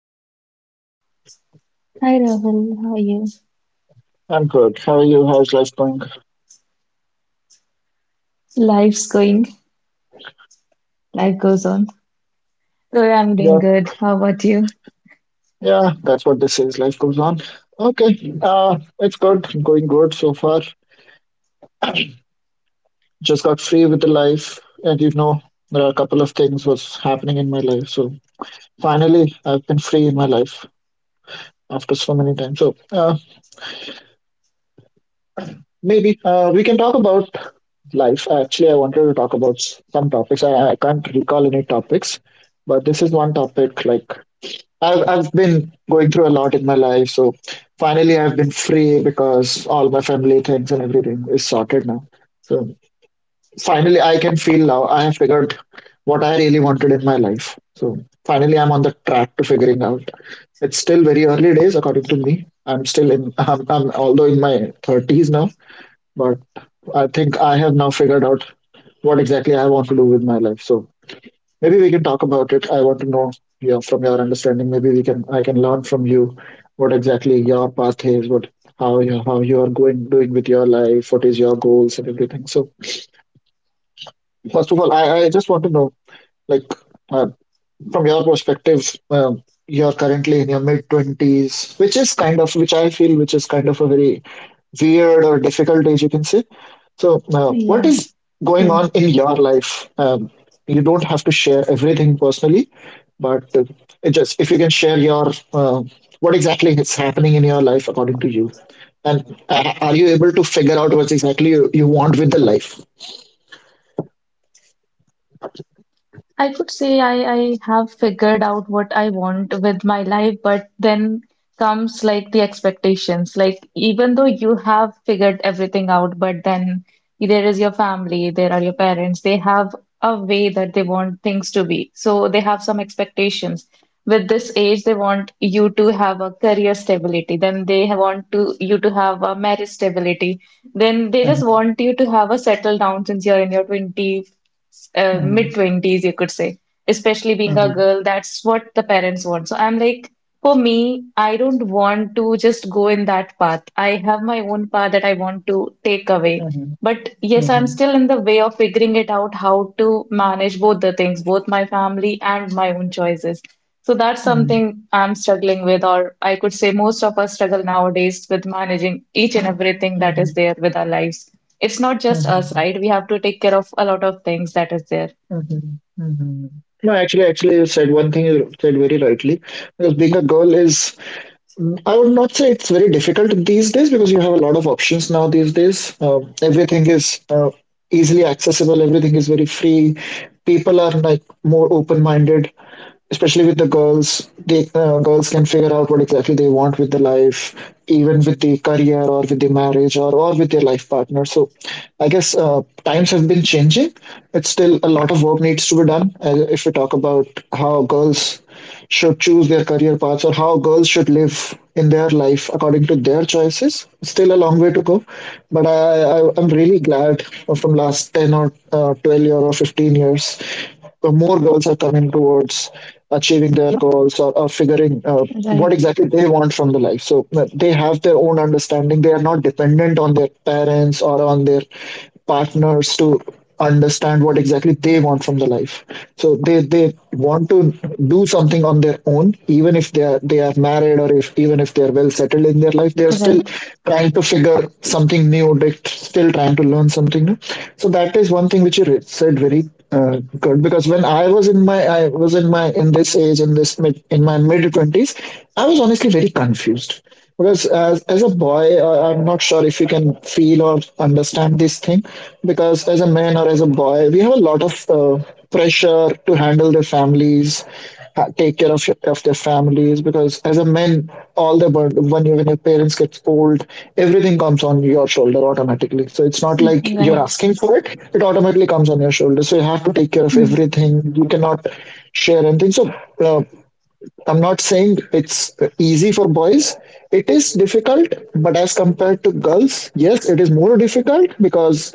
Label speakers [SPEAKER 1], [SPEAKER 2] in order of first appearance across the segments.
[SPEAKER 1] Sushmita.
[SPEAKER 2] Hi Rahul, how are you?
[SPEAKER 1] I'm good. How are you? How's life going?
[SPEAKER 2] Life's going, Life goes on. Oh, I'm
[SPEAKER 1] Yeah,
[SPEAKER 2] doing good. How about you?
[SPEAKER 1] yeah, that's what this is. Life goes on. Okay. It's good. Going good so far. Just got free with the life, and there are a couple of things was happening in my life. So finally, I've been free in my life after so many times. So maybe we can talk about life. Actually, I wanted to talk about some topics. I can't recall any topics, but this is one topic like I've been going through a lot in my life, so finally I've been free because all my family things and everything is sorted now. So finally I can feel now I have figured what I really wanted in my life. So finally I'm on the track to figuring out. It's still very early days according to me. I'm although in my thirties now, but I think I have now figured out what exactly I want to do with my life. So maybe we can talk about it. I want to know from your understanding. Maybe we can I can learn from you what exactly your path is, what how you are going doing with your life, what is your goals and everything. So first of all, I just want to know like uh, from your perspective, you're currently in your mid twenties, which is kind of, which I feel, which is kind of a very weird or difficult age, you can say. So, what
[SPEAKER 2] Yeah,
[SPEAKER 1] is going
[SPEAKER 2] true.
[SPEAKER 1] on in your life? You don't have to share everything personally, but it just if you can share your what exactly is happening in your life according to you, and are you able to figure out what exactly you want with the life?
[SPEAKER 2] I could say I have figured out what I want with my life, but then comes like the expectations. Like, even though you have figured everything out, but then there is your family, there are your parents, they have a way that they want things to be. So they have some expectations. With this age, they want you to have a career stability. Then they want to you to have a marriage stability. Then they just want you to have a settle down since you're in your twenty mid 20s, you could say, especially being a girl, that's what the parents want. So I'm like, for me, I don't want to just go in that path. I have my own path that I want to take away. But yes, I'm still in the way of figuring it out how to manage both the things, both my family and my own choices. So that's something I'm struggling with, or I could say most of us struggle nowadays with managing each and everything that is there with our lives. It's not just us, right? We have to take care of a lot of things that is there.
[SPEAKER 1] Mhm, mhm. No, actually, you said one thing you said very rightly because being a girl is, I would not say it's very difficult these days because you have a lot of options now these days. Everything is easily accessible, everything is very free. People are like more open-minded, especially with the girls. They girls can figure out what exactly they want with the life, even with the career or with the marriage or with their life partner. So, I guess times have been changing. It's still a lot of work needs to be done. If we talk about how girls should choose their career paths or how girls should live in their life according to their choices. Still a long way to go, but I I'm really glad from last ten or 12 year or 15 years, the more girls are coming towards achieving their goals, or figuring what
[SPEAKER 2] Right.
[SPEAKER 1] exactly they want from the life. So they have their own understanding. They are not dependent on their parents or on their partners to understand what exactly they want from the life, so they want to do something on their own, even if they are married, or if even if they are well settled in their life they are still
[SPEAKER 2] Right.
[SPEAKER 1] trying to figure something new, they're still trying to learn something new. So that is one thing which you said very good, because when I was in my I was in my in this age in this mid in my mid twenties, I was honestly very confused because as a boy, I'm not sure if you can feel or understand this thing because as a man or as a boy, we have a lot of pressure to handle the families, take care of of their families. Because as a man, all the burden, when you when your parents gets old, everything comes on your shoulder automatically. So it's not like
[SPEAKER 2] Mm.
[SPEAKER 1] you're
[SPEAKER 2] Right.
[SPEAKER 1] asking for it, it automatically comes on your shoulder, so you have to take care of
[SPEAKER 2] Hmm.
[SPEAKER 1] everything. You cannot share anything. So uh, I'm not saying it's easy for boys. It is difficult, but as compared to girls, yes it is more difficult because,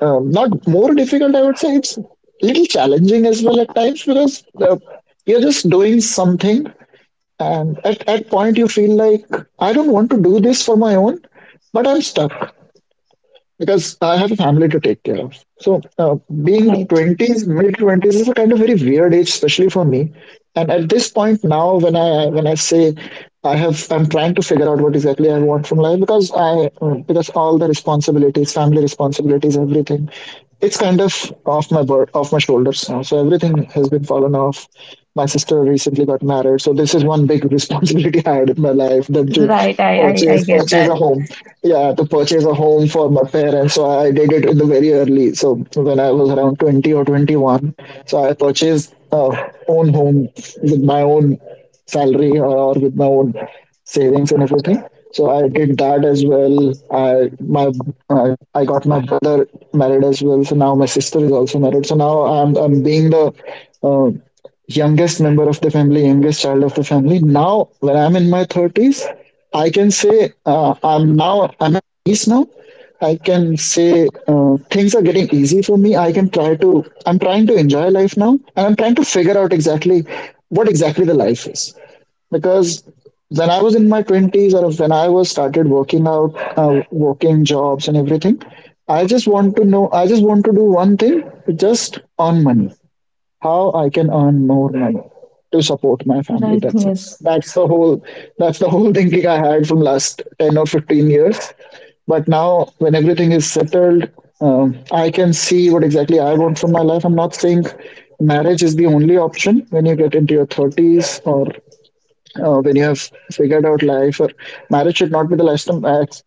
[SPEAKER 1] not more difficult, I would say it's little challenging as well at times because you're just doing something, and at point you feel like I don't want to do this for my own, but I'm stuck because I have a family to take care of. So, being
[SPEAKER 2] Right.
[SPEAKER 1] twenties, mid twenties is a kind of very weird age, especially for me. And at this point now, when I say I'm trying to figure out what exactly I want from life because I because all the responsibilities, family responsibilities, everything, it's kind of off my bird, off my shoulders now. So everything has been fallen off, my sister recently got married, so this is one big responsibility I had in my life. Then to
[SPEAKER 2] Right, I get
[SPEAKER 1] purchase a
[SPEAKER 2] that.
[SPEAKER 1] home, yeah, to purchase a home for my parents. So I did it in the very early, so when I was around 20 or 21, so I purchased a own home with my own salary or with my own savings and everything. So I did that as well. i my uh, I got my brother married as well, so now my sister is also married. So now I'm being the uh, youngest member of the family, youngest child of the family. Now, when I'm in my thirties, I can say I'm now I'm at peace now. I can say things are getting easy for me. I'm trying to enjoy life now, and I'm trying to figure out exactly what exactly the life is, because when I was in my twenties, or when I was started working out, working jobs and everything, I just want to know. I just want to do one thing, just earn money, how I can earn more money to support my family.
[SPEAKER 2] Right.
[SPEAKER 1] That's it.
[SPEAKER 2] Yes.
[SPEAKER 1] That's the whole, that's the whole thinking I had from last 10 or 15 years. But now when everything is settled, I can see what exactly I want from my life. I'm not saying marriage is the only option when you get into your thirties, or when you have figured out life, or marriage should not be the lifetime act.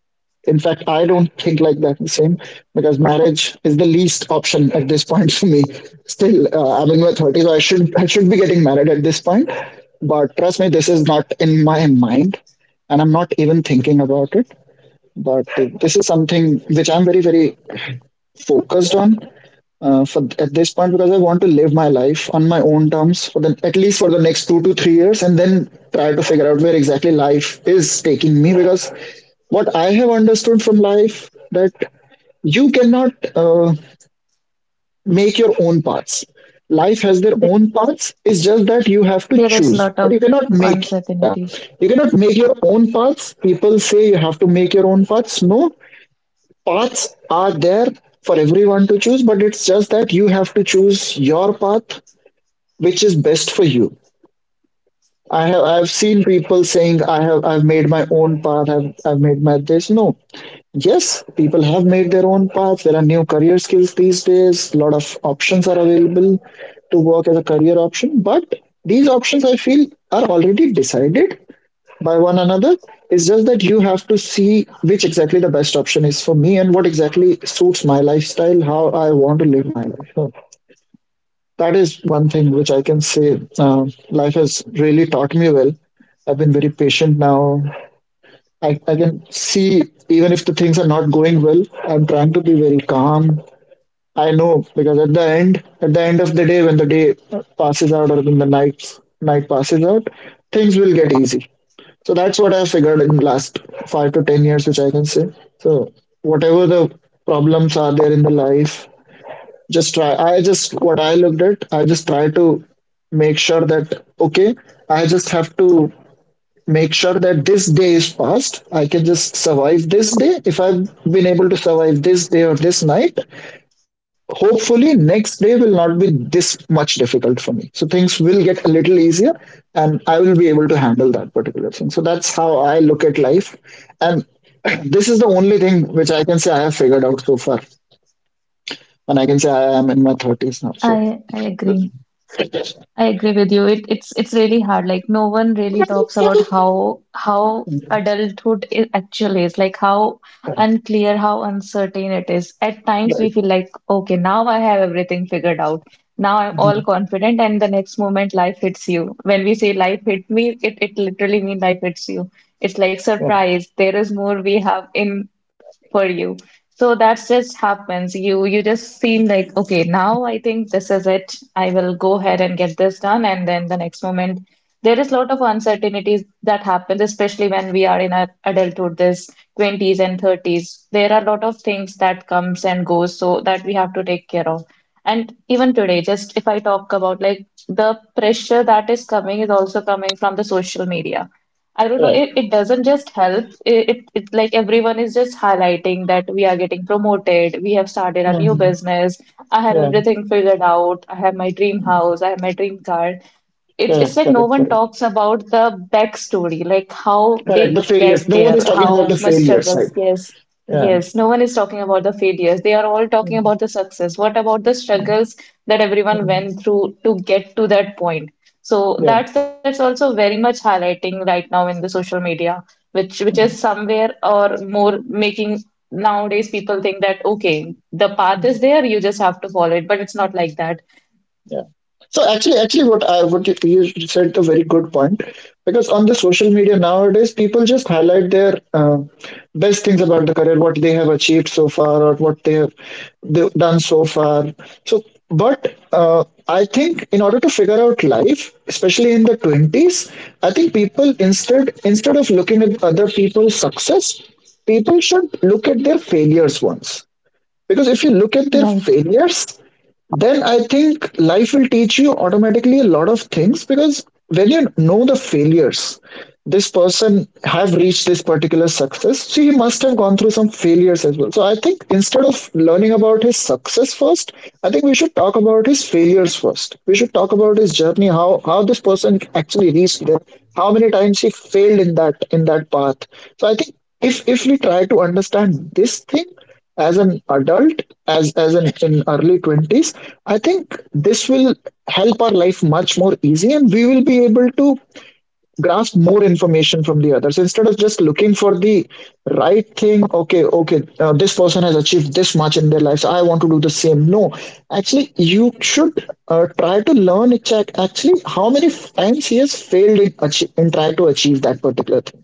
[SPEAKER 1] In fact, I don't think like that the same, because marriage is the least option at this point for me. Still, I'm in my thirties, so I should be getting married at this point. But trust me, this is not in my mind, and I'm not even thinking about it. But this is something which I'm very focused on, for at this point, because I want to live my life on my own terms for the, at least for the next 2 to 3 years, and then try to figure out where exactly life is taking me. Because what I have understood from life, that you cannot make your own paths.
[SPEAKER 2] Th-
[SPEAKER 1] Life has their own paths. It's
[SPEAKER 2] there
[SPEAKER 1] just
[SPEAKER 2] is
[SPEAKER 1] that you
[SPEAKER 2] lot of
[SPEAKER 1] have to choose, but you
[SPEAKER 2] uncertainties.
[SPEAKER 1] cannot make. Yeah. You cannot make your own paths. People say you have to make your own paths. No, paths are there for everyone to choose, but it's just that you have to choose your path which is best for you. I've seen people saying I've made my own path, I've made my this. No. Yes, people have made their own paths. There are new career skills these days. A lot of options are available to work as a career option, but these options I feel are already decided by one another. It's just that you have to see which exactly the best option is for me and what exactly suits my lifestyle, how I want to live my life. So that is one thing which I can say, life has really taught me well. I've been very patient now. I can see, even if the things are not going well, I'm trying to be very calm. I know, because at the end of the day, when the day passes out, or when the night passes out, things will get easy. So that's what I figured in last 5 to 10 years, which I can say. So whatever the problems are there in the life, just try. I just what I looked at, I just try to make sure that okay, I just have to make sure that this day is past. I can just survive this day. If I've been able to survive this day or this night, hopefully next day will not be this much difficult for me, so things will get a little easier, and I will be able to handle that particular thing. So that's how I look at life. And this is the only thing which I can say I have figured out so far. And I can say I am in my 30s now, so.
[SPEAKER 2] I agree. I agree with you. It's really hard. Like no one really talks about how adulthood I actually is. Like how
[SPEAKER 1] Correct.
[SPEAKER 2] unclear, how uncertain it is. At times we
[SPEAKER 1] Right.
[SPEAKER 2] feel like, okay, now I have everything figured out. Now I'm all
[SPEAKER 1] Mhm.
[SPEAKER 2] confident, and the next moment life hits you. When we say life hit me, it literally means life hits you. It's like
[SPEAKER 1] Yeah.
[SPEAKER 2] surprise. There is more we have in for you. So that just happens. You just seem like, okay, now I think this is it. I will go ahead and get this done. And then the next moment, there is a lot of uncertainties that happens, especially when we are in our adulthood, this 20s and 30s. There are a lot of things that comes and goes, so that we have to take care of. And even today, just if I talk about like the pressure that is coming is also coming from the social media. I don't know,
[SPEAKER 1] Right.
[SPEAKER 2] it doesn't just help. It's like everyone is just highlighting that we are getting promoted, we have started a new
[SPEAKER 1] Mhm.
[SPEAKER 2] business, I have
[SPEAKER 1] Yeah.
[SPEAKER 2] everything figured out, I have my dream house, I have my dream car. It's
[SPEAKER 1] Correct,
[SPEAKER 2] like no
[SPEAKER 1] correct,
[SPEAKER 2] one
[SPEAKER 1] correct.
[SPEAKER 2] talks about the backstory, like how
[SPEAKER 1] Correct, the
[SPEAKER 2] they
[SPEAKER 1] failures,
[SPEAKER 2] get
[SPEAKER 1] no one is
[SPEAKER 2] there,
[SPEAKER 1] talking about
[SPEAKER 2] how
[SPEAKER 1] the
[SPEAKER 2] much
[SPEAKER 1] failures, right?
[SPEAKER 2] struggles. Yes,
[SPEAKER 1] Yeah.
[SPEAKER 2] yes. No one is talking about the failures. They are all talking
[SPEAKER 1] Mhm.
[SPEAKER 2] about the success. What about the struggles that everyone
[SPEAKER 1] Mhm.
[SPEAKER 2] went through to get to that point? So
[SPEAKER 1] Yeah.
[SPEAKER 2] that's also very much highlighting right now in the social media, which is
[SPEAKER 1] Mhm.
[SPEAKER 2] somewhere or more making nowadays people think that okay, the path is there, you just have to follow it, but it's not like that.
[SPEAKER 1] Yeah. So actually, what you said a very good point, because on the social media nowadays, people just highlight their best things about the career, what they have achieved so far, or what they have done so far. So, but I think in order to figure out life, especially in the 20s, I think people instead of looking at other people's success, people should look at their failures once, because if you look at their
[SPEAKER 2] Right.
[SPEAKER 1] failures, then I think life will teach you automatically a lot of things. Because when you know the failures, this person have reached this particular success, so he must have gone through some failures as well. So I think instead of learning about his success first, I think we should talk about his failures first. We should talk about his journey, how this person actually reached there, how many times he failed in that path. So I think if we try to understand this thing as an adult, as an in early 20s, I think this will help our life much more easy, and we will be able to grasp more information from the others instead of just looking for the right thing. Okay this person has achieved this much in their lives, I want to do the same. No, actually you should try to learn actually how many times he has failed in, in trying to achieve that particular thing.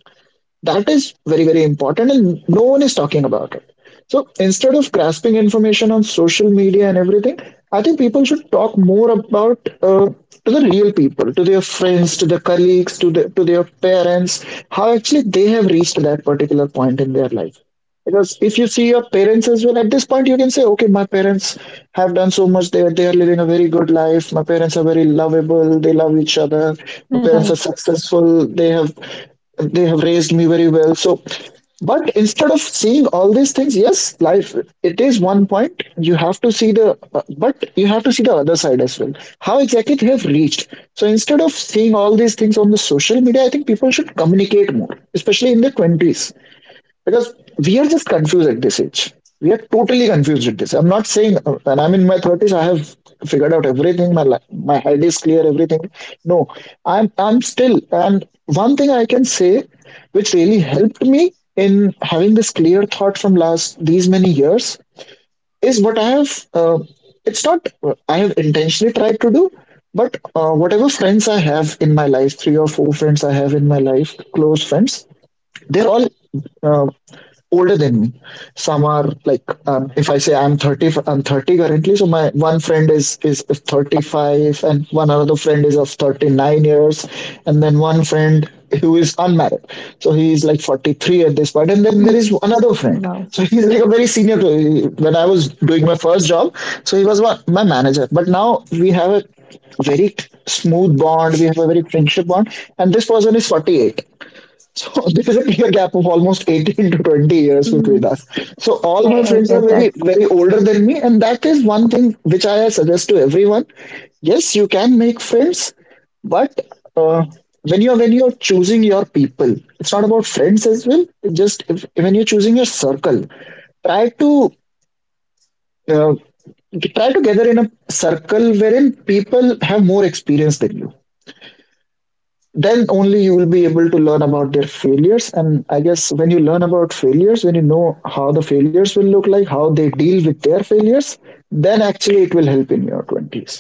[SPEAKER 1] That is very, very important, and no one is talking about it. So instead of grasping information on social media and everything, I think people should talk more about to the real people, to their friends, to their colleagues, to their parents, how actually they have reached that particular point in their life. Because if you see your parents as well, at this point you can say, okay, my parents have done so much. They are living a very good life. My parents are very lovable. They love each other. My parents are
[SPEAKER 2] Right.
[SPEAKER 1] successful. They have raised me very well. So, but instead of seeing all these things, yes, life it is one point. You have to see the But you have to see the other side as well. How exactly they have reached. So instead of seeing all these things on the social media, I think people should communicate more, especially in the 20s, because we are just confused at this age. We are totally confused at this. I'm not saying when I'm in my thirties, I have figured out everything. My head is clear. Everything. No, I'm still. And one thing I can say, which really helped me in having this clear thought from last these many years, is what I have. It's not I have intentionally tried to do, but whatever friends I have in my life, three or four friends I have in my life, close friends, they're all uh, older than me. Some are like if I say I'm 30, I'm 30 currently. So my one friend is 35, and one other friend is of 39 years, and then one friend who is unmarried. So he is like 43 at this point, and then there
[SPEAKER 2] Mm.
[SPEAKER 1] is another friend.
[SPEAKER 2] Wow.
[SPEAKER 1] So he's like a very senior to me when I was doing my first job. So he was my manager, but now we have a very smooth bond. We have a very friendship bond, and this person is 48. So there is a clear gap of almost 18 to 20 years
[SPEAKER 2] Hmm.
[SPEAKER 1] between us. So
[SPEAKER 2] I,
[SPEAKER 1] all
[SPEAKER 2] I
[SPEAKER 1] my
[SPEAKER 2] get
[SPEAKER 1] friends are
[SPEAKER 2] that.
[SPEAKER 1] very, very older than me. And that is one thing which I suggest to everyone. Yes, you can make friends, but uh, when you're choosing your people, it's not about friends as well. It Just if, When you're choosing your circle, try to uh, gather in a circle wherein people have more experience than you. Then only you will be able to learn about their failures, and I guess when you learn about failures, when you know how the failures will look like, how they deal with their failures, then actually it will help in your 20s.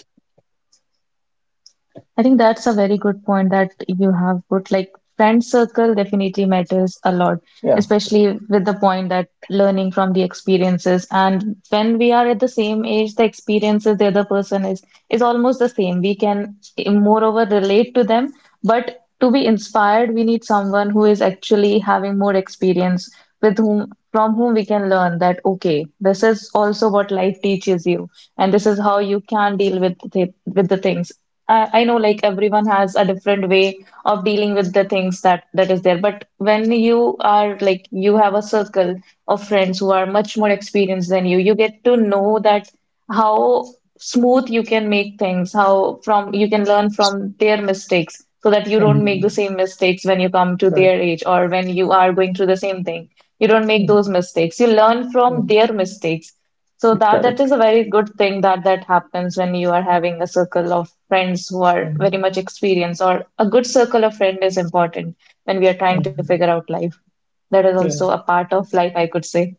[SPEAKER 2] I think that's a very good point that you have put. Like, friend circle definitely matters a lot,
[SPEAKER 1] Yeah.
[SPEAKER 2] especially with the point that learning from the experiences. And when we are at the same age, the experiences the other person is almost the same. We can moreover relate to them, but to be inspired, we need someone who is actually having more experience with whom from whom we can learn that okay, this is also what life teaches you, and this is how you can deal with with the things. I know like everyone has a different way of dealing with the things that is there, but when you are like you have a circle of friends who are much more experienced than you, you get to know that how smooth you can make things, how from you can learn from their mistakes so that you don't make the
[SPEAKER 1] Mhm.
[SPEAKER 2] same mistakes when you come to
[SPEAKER 1] Right.
[SPEAKER 2] their age or when you are going through the same thing. You don't make
[SPEAKER 1] Mhm.
[SPEAKER 2] those mistakes. You learn from
[SPEAKER 1] Mhm.
[SPEAKER 2] their mistakes. So that
[SPEAKER 1] Correct.
[SPEAKER 2] is a very good thing that happens when you are having a circle of friends who are very
[SPEAKER 1] Mhm.
[SPEAKER 2] much experienced, or a good circle of friend is important when we are trying to
[SPEAKER 1] Mhm.
[SPEAKER 2] figure out life. That is
[SPEAKER 1] Yeah.
[SPEAKER 2] also a part of life, I could say.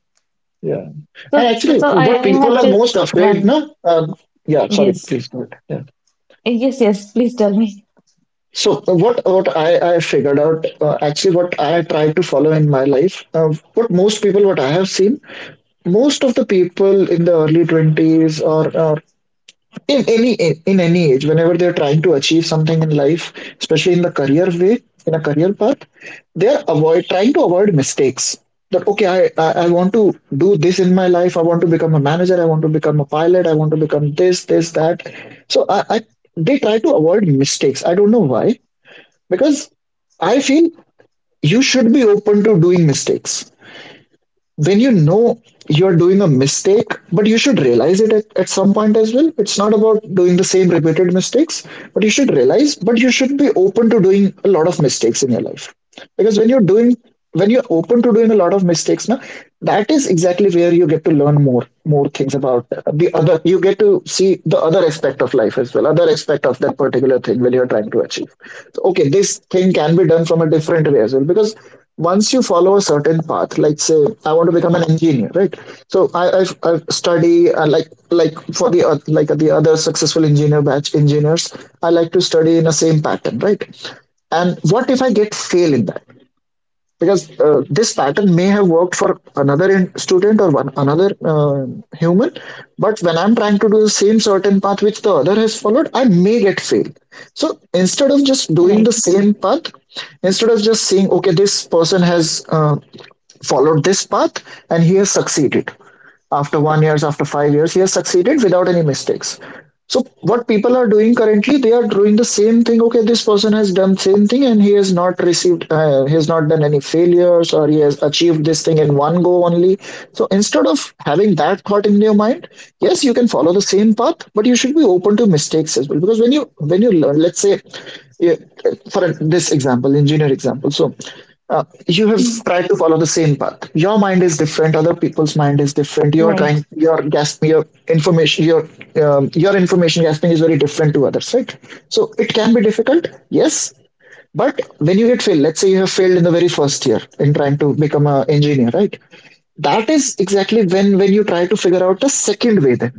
[SPEAKER 1] Yeah.
[SPEAKER 2] So,
[SPEAKER 1] And
[SPEAKER 2] so,
[SPEAKER 1] actually,
[SPEAKER 2] so I,
[SPEAKER 1] what
[SPEAKER 2] I
[SPEAKER 1] people
[SPEAKER 2] have
[SPEAKER 1] are
[SPEAKER 2] just
[SPEAKER 1] most afraid,
[SPEAKER 2] one.
[SPEAKER 1] no? um, yeah, sorry,
[SPEAKER 2] Yes,
[SPEAKER 1] please go ahead. Yeah.
[SPEAKER 2] yes, yes. Please tell me.
[SPEAKER 1] So what I figured out, actually what I try to follow in my life, what I have seen, most of the people in the early 20s, or in any age, whenever they're trying to achieve something in life, especially in the career way, in a career path, they're avoid trying to avoid mistakes. That okay, I want to do this in my life, I want to become a manager, I want to become a pilot, I want to become this this that. So I they try to avoid mistakes, I don't know why. Because I feel you should be open to doing mistakes. When you know you're doing a mistake, but you should realize it at some point as well. It's not about doing the same repeated mistakes, but you should realize, but you should be open to doing a lot of mistakes in your life. Because when you're doing, when you're open to doing a lot of mistakes now, that is exactly where you get to learn more, more things about the other, you get to see the other aspect of life as well, other aspect of that particular thing when you're trying to achieve. Okay, this thing can be done from a different way as well, because once you follow a certain path, like say I want to become an engineer, right? So I study like for the like the other successful engineer batch engineers, I like to study in the same pattern, right? And what if I get fail in that, because this pattern may have worked for another student, or one another human. But when I'm trying to do the same certain path which the other has followed, I may get failed. So instead of just doing
[SPEAKER 2] Right.
[SPEAKER 1] the same path, instead of just saying okay, this person has followed this path and he has succeeded. After 1 years, after 5 years, he has succeeded without any mistakes. So what people are doing currently, they are doing the same thing. Okay, this person has done same thing and he has not done any failures, or he has achieved this thing in one go only. So instead of having that thought in your mind, yes, you can follow the same path, but you should be open to mistakes as well. Because when you learn, let's say, yeah, for this example, engineer example. So you have
[SPEAKER 2] Mm.
[SPEAKER 1] tried to follow the same path, your mind is different, other people's mind is different, you're trying,
[SPEAKER 2] Right.
[SPEAKER 1] your gasping, your information, your information gasping is very different to others, right? So it can be difficult, yes. But when you get failed, let's say you have failed in the very first year in trying to become an engineer, right? That is exactly when you try to figure out a second way. Then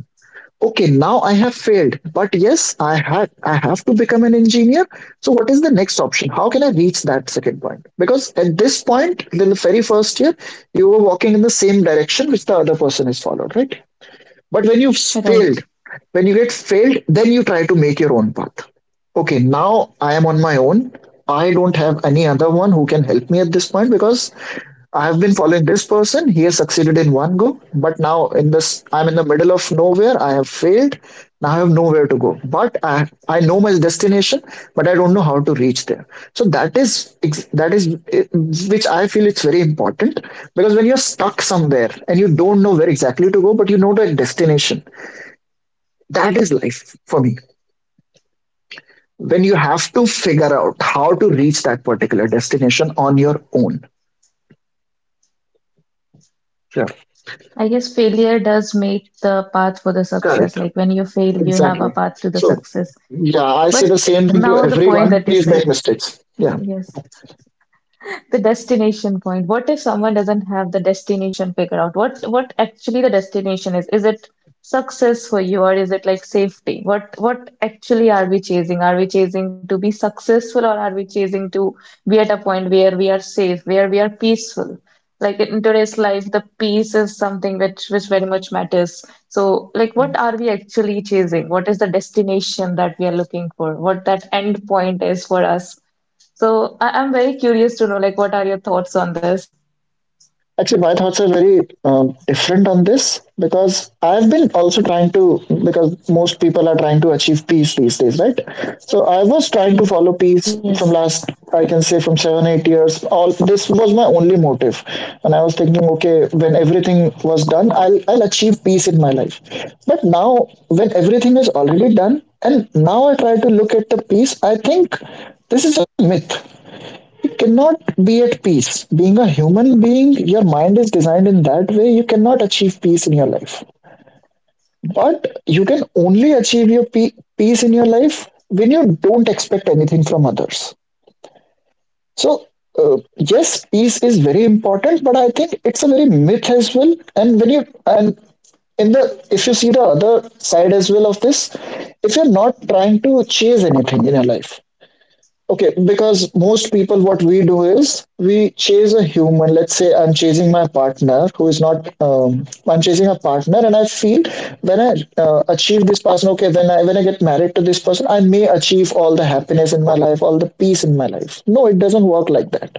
[SPEAKER 1] okay, now I have failed, but yes, I have to become an engineer. So what is the next option, how can I reach that second point? Because at this point, in the very first year, you were walking in the same direction which the other person has followed, right? But
[SPEAKER 2] Right.
[SPEAKER 1] failed when you get failed, then you try to make your own path. Okay, now I am on my own, I don't have any other one who can help me at this point. Because I have been following this person. He has succeeded in one go, but now in this, I'm in the middle of nowhere. I have failed. Now I have nowhere to go. But I know my destination, but I don't know how to reach there. So that is that is eh, which I feel it's very important. Because when you're stuck somewhere and you don't know where exactly to go, but you know the destination, that is life for me. When you have to figure out how to reach that particular destination on your own. Yeah,
[SPEAKER 2] I guess failure does make the path for the success.
[SPEAKER 1] correct.
[SPEAKER 2] Like when you fail, you have a
[SPEAKER 1] Exactly.
[SPEAKER 2] path to the
[SPEAKER 1] So,
[SPEAKER 2] success.
[SPEAKER 1] yeah, I
[SPEAKER 2] But
[SPEAKER 1] say the
[SPEAKER 2] now
[SPEAKER 1] same
[SPEAKER 2] the
[SPEAKER 1] thing to
[SPEAKER 2] point that you
[SPEAKER 1] everyone.
[SPEAKER 2] said.
[SPEAKER 1] Please make mistakes. Yeah.
[SPEAKER 2] Yes. The destination point. What if someone doesn't have the destination figured out? What actually the destination is? Is it success for you or is it like safety? What actually are we chasing? Are we chasing to be successful or are we chasing to be at a point where we are safe, where we are peaceful? Like in today's life, the peace is something which very much matters. So like what are we actually chasing? What is the destination that we are looking for? What that end point is for us? So I'm very curious to know, like, what are your thoughts on this?
[SPEAKER 1] Actually, my thoughts are very different on this because I've been also trying to, because most people are trying to achieve peace these days, right? So I was trying to follow
[SPEAKER 2] Yes,
[SPEAKER 1] peace from last, I can say, from 7, 8 years. All this was my only motive. And I was thinking, okay, when everything was done, I'll achieve peace in my life. But now, when everything is already done, and now I try to look at the peace, I think this is a myth, cannot be at peace. Being a human being, your mind is designed in that way. You cannot achieve peace in your life. But you can only achieve your peace in your life when you don't expect anything from others. So, yes, peace is very important, but I think it's a very myth as well. And when you and in the if you see the other side as well of this, if you're not trying to chase anything in your life. Okay, because most people, what we do is we chase a human. Let's say I'm chasing my partner who is not, I'm chasing a partner, and I feel when I achieve this person. Okay, when I get married to this person, I may achieve all the happiness in my life, all the peace in my life. No, it doesn't work like that.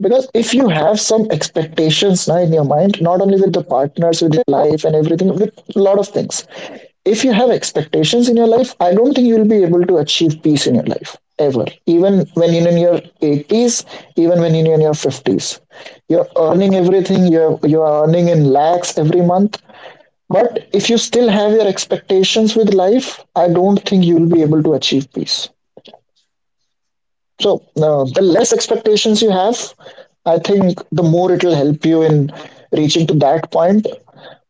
[SPEAKER 1] Because if you have some expectations now in your mind, not only with the partners, with your life and everything, with a lot of things, if you have expectations in your life, I don't think you'll be able to achieve peace in your life ever. Even when you're in your 80s, even when you're in your 50s, you're earning everything. You're earning in lakhs every month. But if you still have your expectations with life, I don't think you'll be able to achieve peace. So the less expectations you have, I think the more it will help you in reaching to that point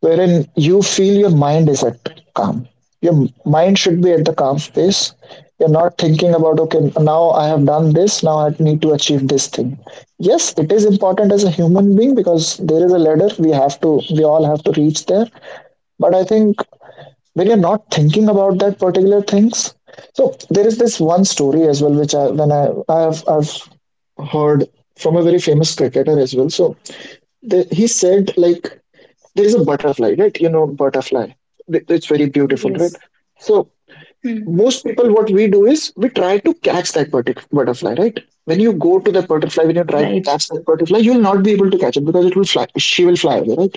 [SPEAKER 1] wherein you feel your mind is at calm. Your mind should be at the calm space. You're not thinking about, okay, now I have done this, now I need to achieve this thing. Yes, it is important as a human being because there is a ladder we all have to reach there. But I think when you're not thinking about that particular things. So there is this one story as well, which I when I I've heard from a very famous cricketer as well. So he said like there is a butterfly, right? You know butterfly. It's very beautiful, right?
[SPEAKER 2] yes.
[SPEAKER 1] So
[SPEAKER 2] Hmm.
[SPEAKER 1] most people, what we do is we try to catch that butterfly, right? When you go to the butterfly, when you try to
[SPEAKER 2] Right,
[SPEAKER 1] catch that butterfly, you'll not be able to catch it because it will fly. She will fly away, right?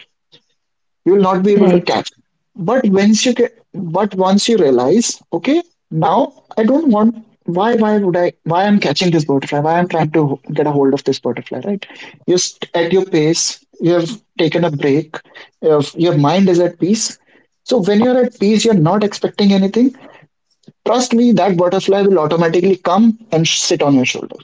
[SPEAKER 1] You will not be able to
[SPEAKER 2] right.
[SPEAKER 1] catch. but once you get but once you realize, okay, now I don't want, why would I, why I'm catching this butterfly, why I'm trying to get a hold of this butterfly, right? Just at your pace, you have taken a break, your mind is at peace. So when you're at peace, you're not expecting anything. Trust me, that butterfly will automatically come and sit on your shoulder.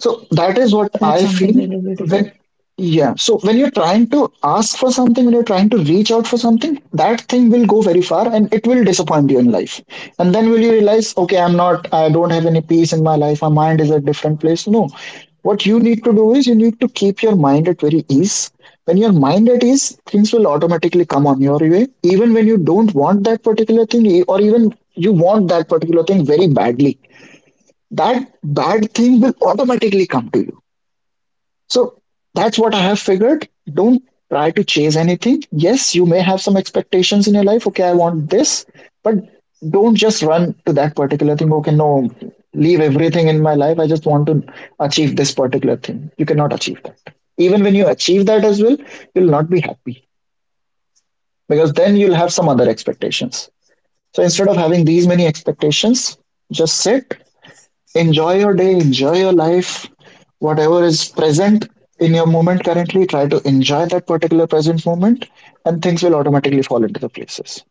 [SPEAKER 1] So that is what
[SPEAKER 2] That's
[SPEAKER 1] I
[SPEAKER 2] something
[SPEAKER 1] feel
[SPEAKER 2] really beautiful.
[SPEAKER 1] when, yeah. So when you're trying to ask for something, when you're trying to reach out for something, that thing will go very far and it will disappoint you in life. And then will you realize, okay, I don't have any peace in my life. My mind is at a different place. No. What you need to do is you need to keep your mind at very ease. When your mind at ease, things will automatically come on your way. Even when you don't want that particular thing, or even you want that particular thing very badly, that bad thing will automatically come to you. So that's what I have figured. Don't try to chase anything. Yes, you may have some expectations in your life. Okay, I want this, but don't just run to that particular thing. Okay, no, leave everything in my life. I just want to achieve this particular thing. You cannot achieve that. Even when you achieve that as well, you'll not be happy because then you'll have some other expectations. So instead of having these many expectations, just sit. Enjoy your day, enjoy your life. Whatever is present in your moment currently, try to enjoy that particular present moment, and things will automatically fall into the places.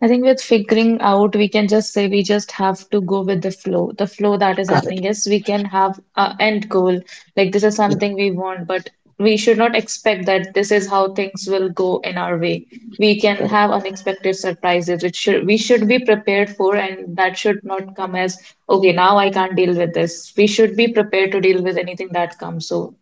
[SPEAKER 2] I think with figuring out, we can just say we just have to go with the flow. The flow that is
[SPEAKER 1] Correct.
[SPEAKER 2] happening is we can have an end goal. Like this is
[SPEAKER 1] Yeah,
[SPEAKER 2] something we want, but we should not expect that this is how things will go in our way. We can
[SPEAKER 1] correct,
[SPEAKER 2] have unexpected surprises, which should we should be prepared for, and that should not come as, okay, now I can't deal with this. We should be prepared to deal with anything that comes. So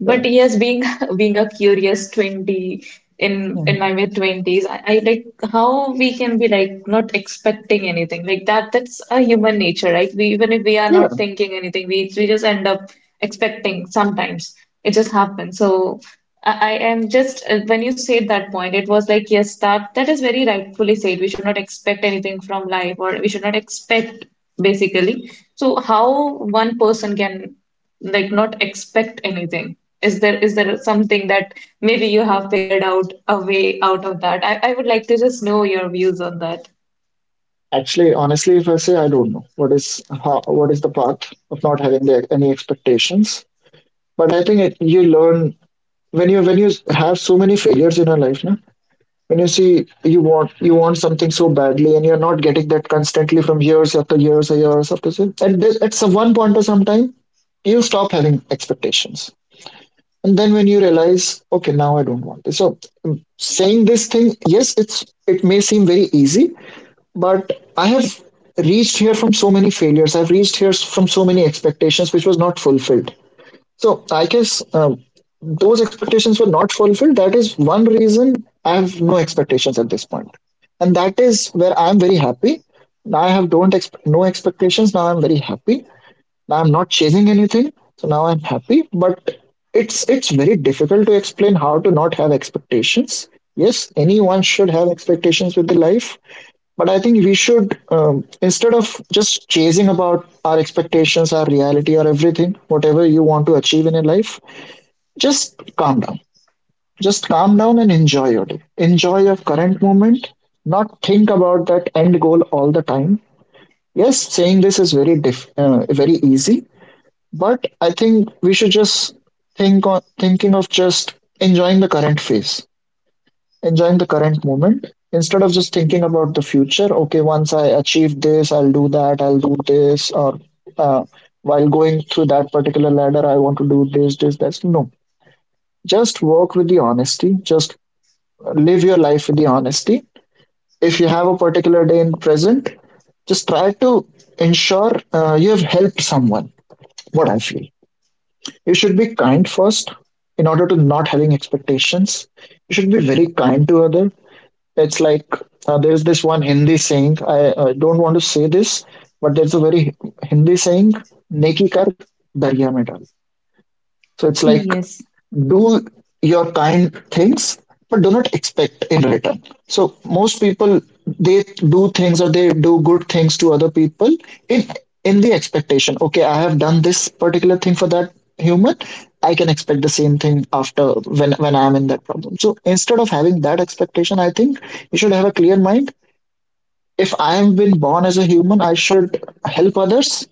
[SPEAKER 2] but
[SPEAKER 1] correct.
[SPEAKER 2] yes, being being a curious 20
[SPEAKER 1] Hmm.
[SPEAKER 2] in my mid 20s, I like how we can be like not expecting anything like that. That's a human nature, right? We even if we are
[SPEAKER 1] Yeah.
[SPEAKER 2] not thinking anything, we just end up expecting sometimes. It just happens. So I am just when you said that point, it was like yes, that is very rightfully said. We should not expect anything from life, or we should not expect basically. So how one person can like not expect anything? Is there something that maybe you have figured out a way out of that? I would like to just know your views on that.
[SPEAKER 1] Actually, honestly, if I say I don't know what is how, what is the path of not having any expectations, but I think it, you learn when you have so many failures in your life. Na, when you see you want something so badly and you're not getting that constantly from years after years or years after years, at some one point or some time you stop having expectations. And then when you realize, okay, now I don't want it. So, saying this thing, yes, it may seem very easy, but I have reached here from so many failures. I've reached here from so many expectations which was not fulfilled. So I guess those expectations were not fulfilled. That is one reason I have no expectations at this point, and that is where I am very happy. Now I have don't ex- no expectations. Now I'm very happy. Now I'm not chasing anything. So now I'm happy. But it's very difficult to explain how to not have expectations. Yes, anyone should have expectations with the life, but I think we should, instead of just chasing about our expectations, our reality, or everything, whatever you want to achieve in your life, just calm down. Just calm down and enjoy your day. Enjoy your current moment, not think about that end goal all the time. Yes, saying this is very very easy, but I think we should just thinking of just enjoying the current phase, enjoying the current moment instead of just thinking about the future. Okay, once I achieve this, I'll do that. I'll do this, or uh, while going through that particular ladder, I want to do this, this, that. No, just work with the honesty. Just live your life with the honesty. If you have a particular day in present, just try to ensure you have helped someone. What I feel, you should be kind first in order to not having expectations. You should be very kind to other. It's like there's this one Hindi saying. I don't want to say this, but there's a very Hindi saying, "Neki kar darya mein dal." So it's like
[SPEAKER 2] Yes,
[SPEAKER 1] do your kind things, but do not expect in return. So most people, they do things or they do good things to other people in in the expectation. Okay, I have done this particular thing for that human. I can expect the same thing after when I am in that problem. So instead of having that expectation, I think you should have a clear mind. If I have been born as a human, I should help others,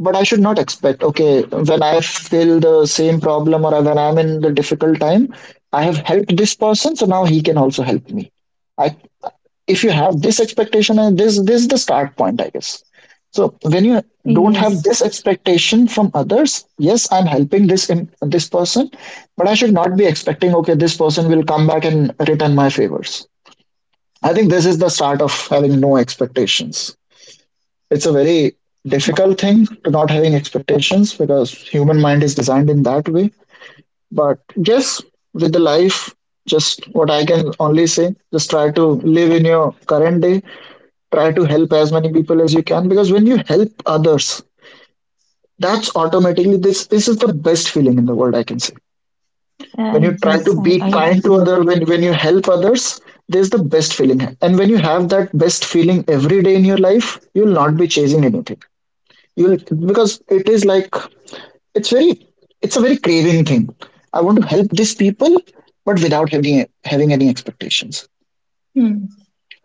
[SPEAKER 1] but I should not expect, okay, when I feel the same problem or when I'm in the difficult time, I have helped this person, so now he can also help me. I, if you have this expectation, and this is the start point, I guess. So when you don't have
[SPEAKER 2] yes,
[SPEAKER 1] this expectation from others, yes, I'm helping this person, but I should not be expecting, okay, this person will come back and return my favors. I think this is the start of having no expectations. It's a very difficult thing to not having expectations because human mind is designed in that way. But yes, with the life, just what I can only say, just try to live in your current day, try to help as many people as you can, because when you help others, that's automatically, this is the best feeling in the world, I can say.
[SPEAKER 2] uh,
[SPEAKER 1] When you try to
[SPEAKER 2] yes, I,
[SPEAKER 1] be
[SPEAKER 2] I
[SPEAKER 1] kind to
[SPEAKER 2] agree.
[SPEAKER 1] other, when you help others, there's the best feeling, and when you have that best feeling every day in your life, you'll not be chasing anything. You'll Because it is like, it's very it's a very craving thing. I want to help these people, but without having any expectations.
[SPEAKER 2] Hmm.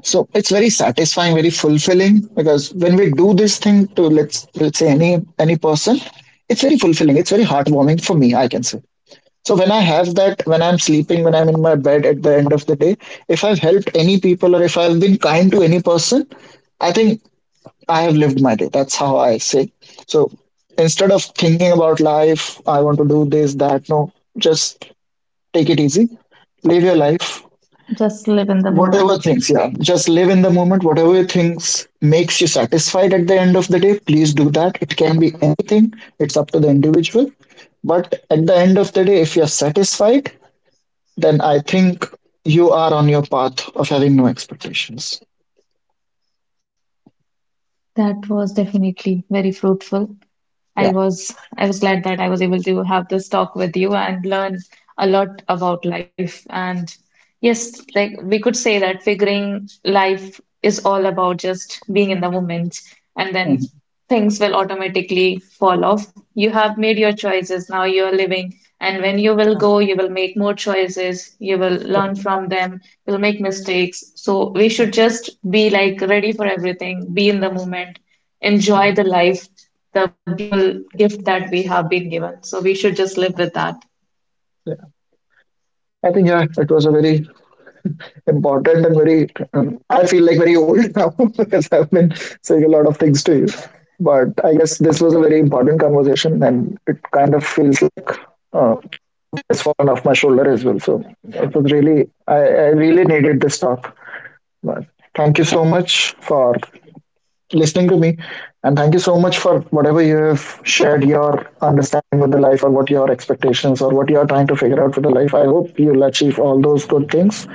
[SPEAKER 1] So it's very satisfying, very fulfilling, because when we do this thing to, let's say, any person, it's very fulfilling. It's very heartwarming for me, I can say. So when I have that, when I'm sleeping, when I'm in my bed at the end of the day, if I've helped any people or if I've been kind to any person, I think I have lived my day. That's how I say. So instead of thinking about life, I want to do this, that, no, just take it easy. Live your life,
[SPEAKER 2] Just live in the
[SPEAKER 1] whatever
[SPEAKER 2] moment.
[SPEAKER 1] things, yeah. Just live in the moment. Whatever things makes you satisfied at the end of the day, please do that. It can be anything, it's up to the individual. But at the end of the day, if you're satisfied, then I think you are on your path of having no expectations.
[SPEAKER 2] That was definitely very fruitful. I
[SPEAKER 1] Yeah.
[SPEAKER 2] was I was glad that I was able to have this talk with you and learn a lot about life. And yes, like we could say that figuring life is all about just being in the moment, and then
[SPEAKER 1] Mhm.
[SPEAKER 2] things will automatically fall off. You have made your choices, now you're living, and when you will go, you will make more choices, you will learn from them, you'll make mistakes. So we should just be like ready for everything, be in the moment, enjoy the life the beautiful gift that we have been given. So we should just live with that.
[SPEAKER 1] Yeah. I think, yeah, it was a very important and very, I feel like very old now because I've been saying a lot of things to you, but I guess this was a very important conversation, and it kind of feels like, uh, it's fallen off my shoulder as well. So it was really, I really needed this talk. But thank you so much for listening to me, and thank you so much for whatever you have shared, your understanding with the life, or what your expectations, or what you are trying to figure out for the life. I hope you'll achieve all those good things.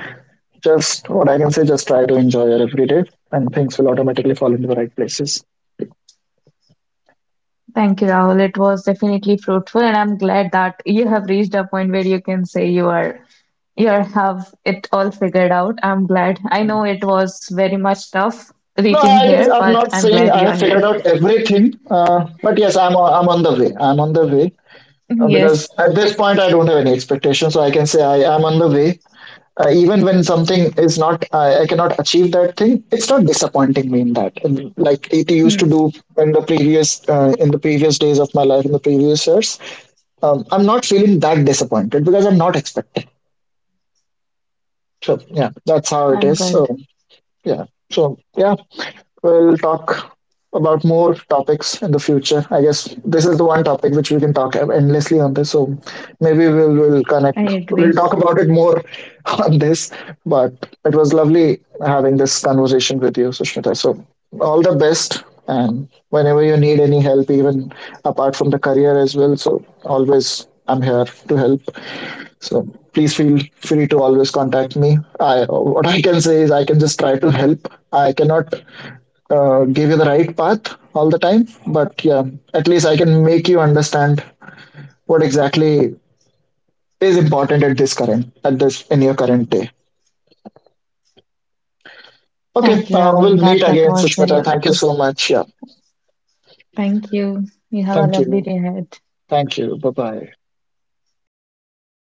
[SPEAKER 1] Just what I can say, just try to enjoy your everyday, and things will automatically fall into the right places.
[SPEAKER 2] Thank you, Rahul. It was definitely fruitful, and I'm glad that you have reached a point where you can say have it all figured out. I'm glad. I know it was very much tough
[SPEAKER 1] No,
[SPEAKER 2] reaching
[SPEAKER 1] I guess
[SPEAKER 2] here,
[SPEAKER 1] I'm
[SPEAKER 2] but
[SPEAKER 1] not
[SPEAKER 2] I'm
[SPEAKER 1] saying
[SPEAKER 2] glad
[SPEAKER 1] I
[SPEAKER 2] you
[SPEAKER 1] have
[SPEAKER 2] are
[SPEAKER 1] figured
[SPEAKER 2] here.
[SPEAKER 1] out everything, but yes, I'm on the way. I'm on the way, because
[SPEAKER 2] Yes,
[SPEAKER 1] at this point I don't have any expectations, so I can say I am on the way. Even when something is not, I cannot achieve that thing. It's not disappointing me in that, and like it used to do in the previous days of my life, in the previous years. I'm not feeling that disappointed because I'm not expecting. So yeah, that's how it
[SPEAKER 2] I'm
[SPEAKER 1] is. So
[SPEAKER 2] good.
[SPEAKER 1] yeah. So yeah, we'll talk about more topics in the future. I guess this is the one topic which we can talk endlessly on this. So maybe we'll connect.
[SPEAKER 2] I
[SPEAKER 1] We'll
[SPEAKER 2] agree.
[SPEAKER 1] talk about it more on this. But it was lovely having this conversation with you, Sushmita. So all the best, and whenever you need any help, even apart from the career as well. So always I'm here to help. So please feel free to always contact me. I what I can say is I can just try to help. I cannot give you the right path all the time, but yeah, at least I can make you understand what exactly is important, at this current at this in your current day. Okay,
[SPEAKER 2] Thank you,
[SPEAKER 1] we'll
[SPEAKER 2] Rahul.
[SPEAKER 1] meet
[SPEAKER 2] That
[SPEAKER 1] again,
[SPEAKER 2] was very
[SPEAKER 1] Sushmita. Thank you
[SPEAKER 2] helpful.
[SPEAKER 1] so much. Yeah,
[SPEAKER 2] Thank you. You have a
[SPEAKER 1] thank you,
[SPEAKER 2] lovely day ahead.
[SPEAKER 1] thank you. Bye bye.
[SPEAKER 2] Bye bye.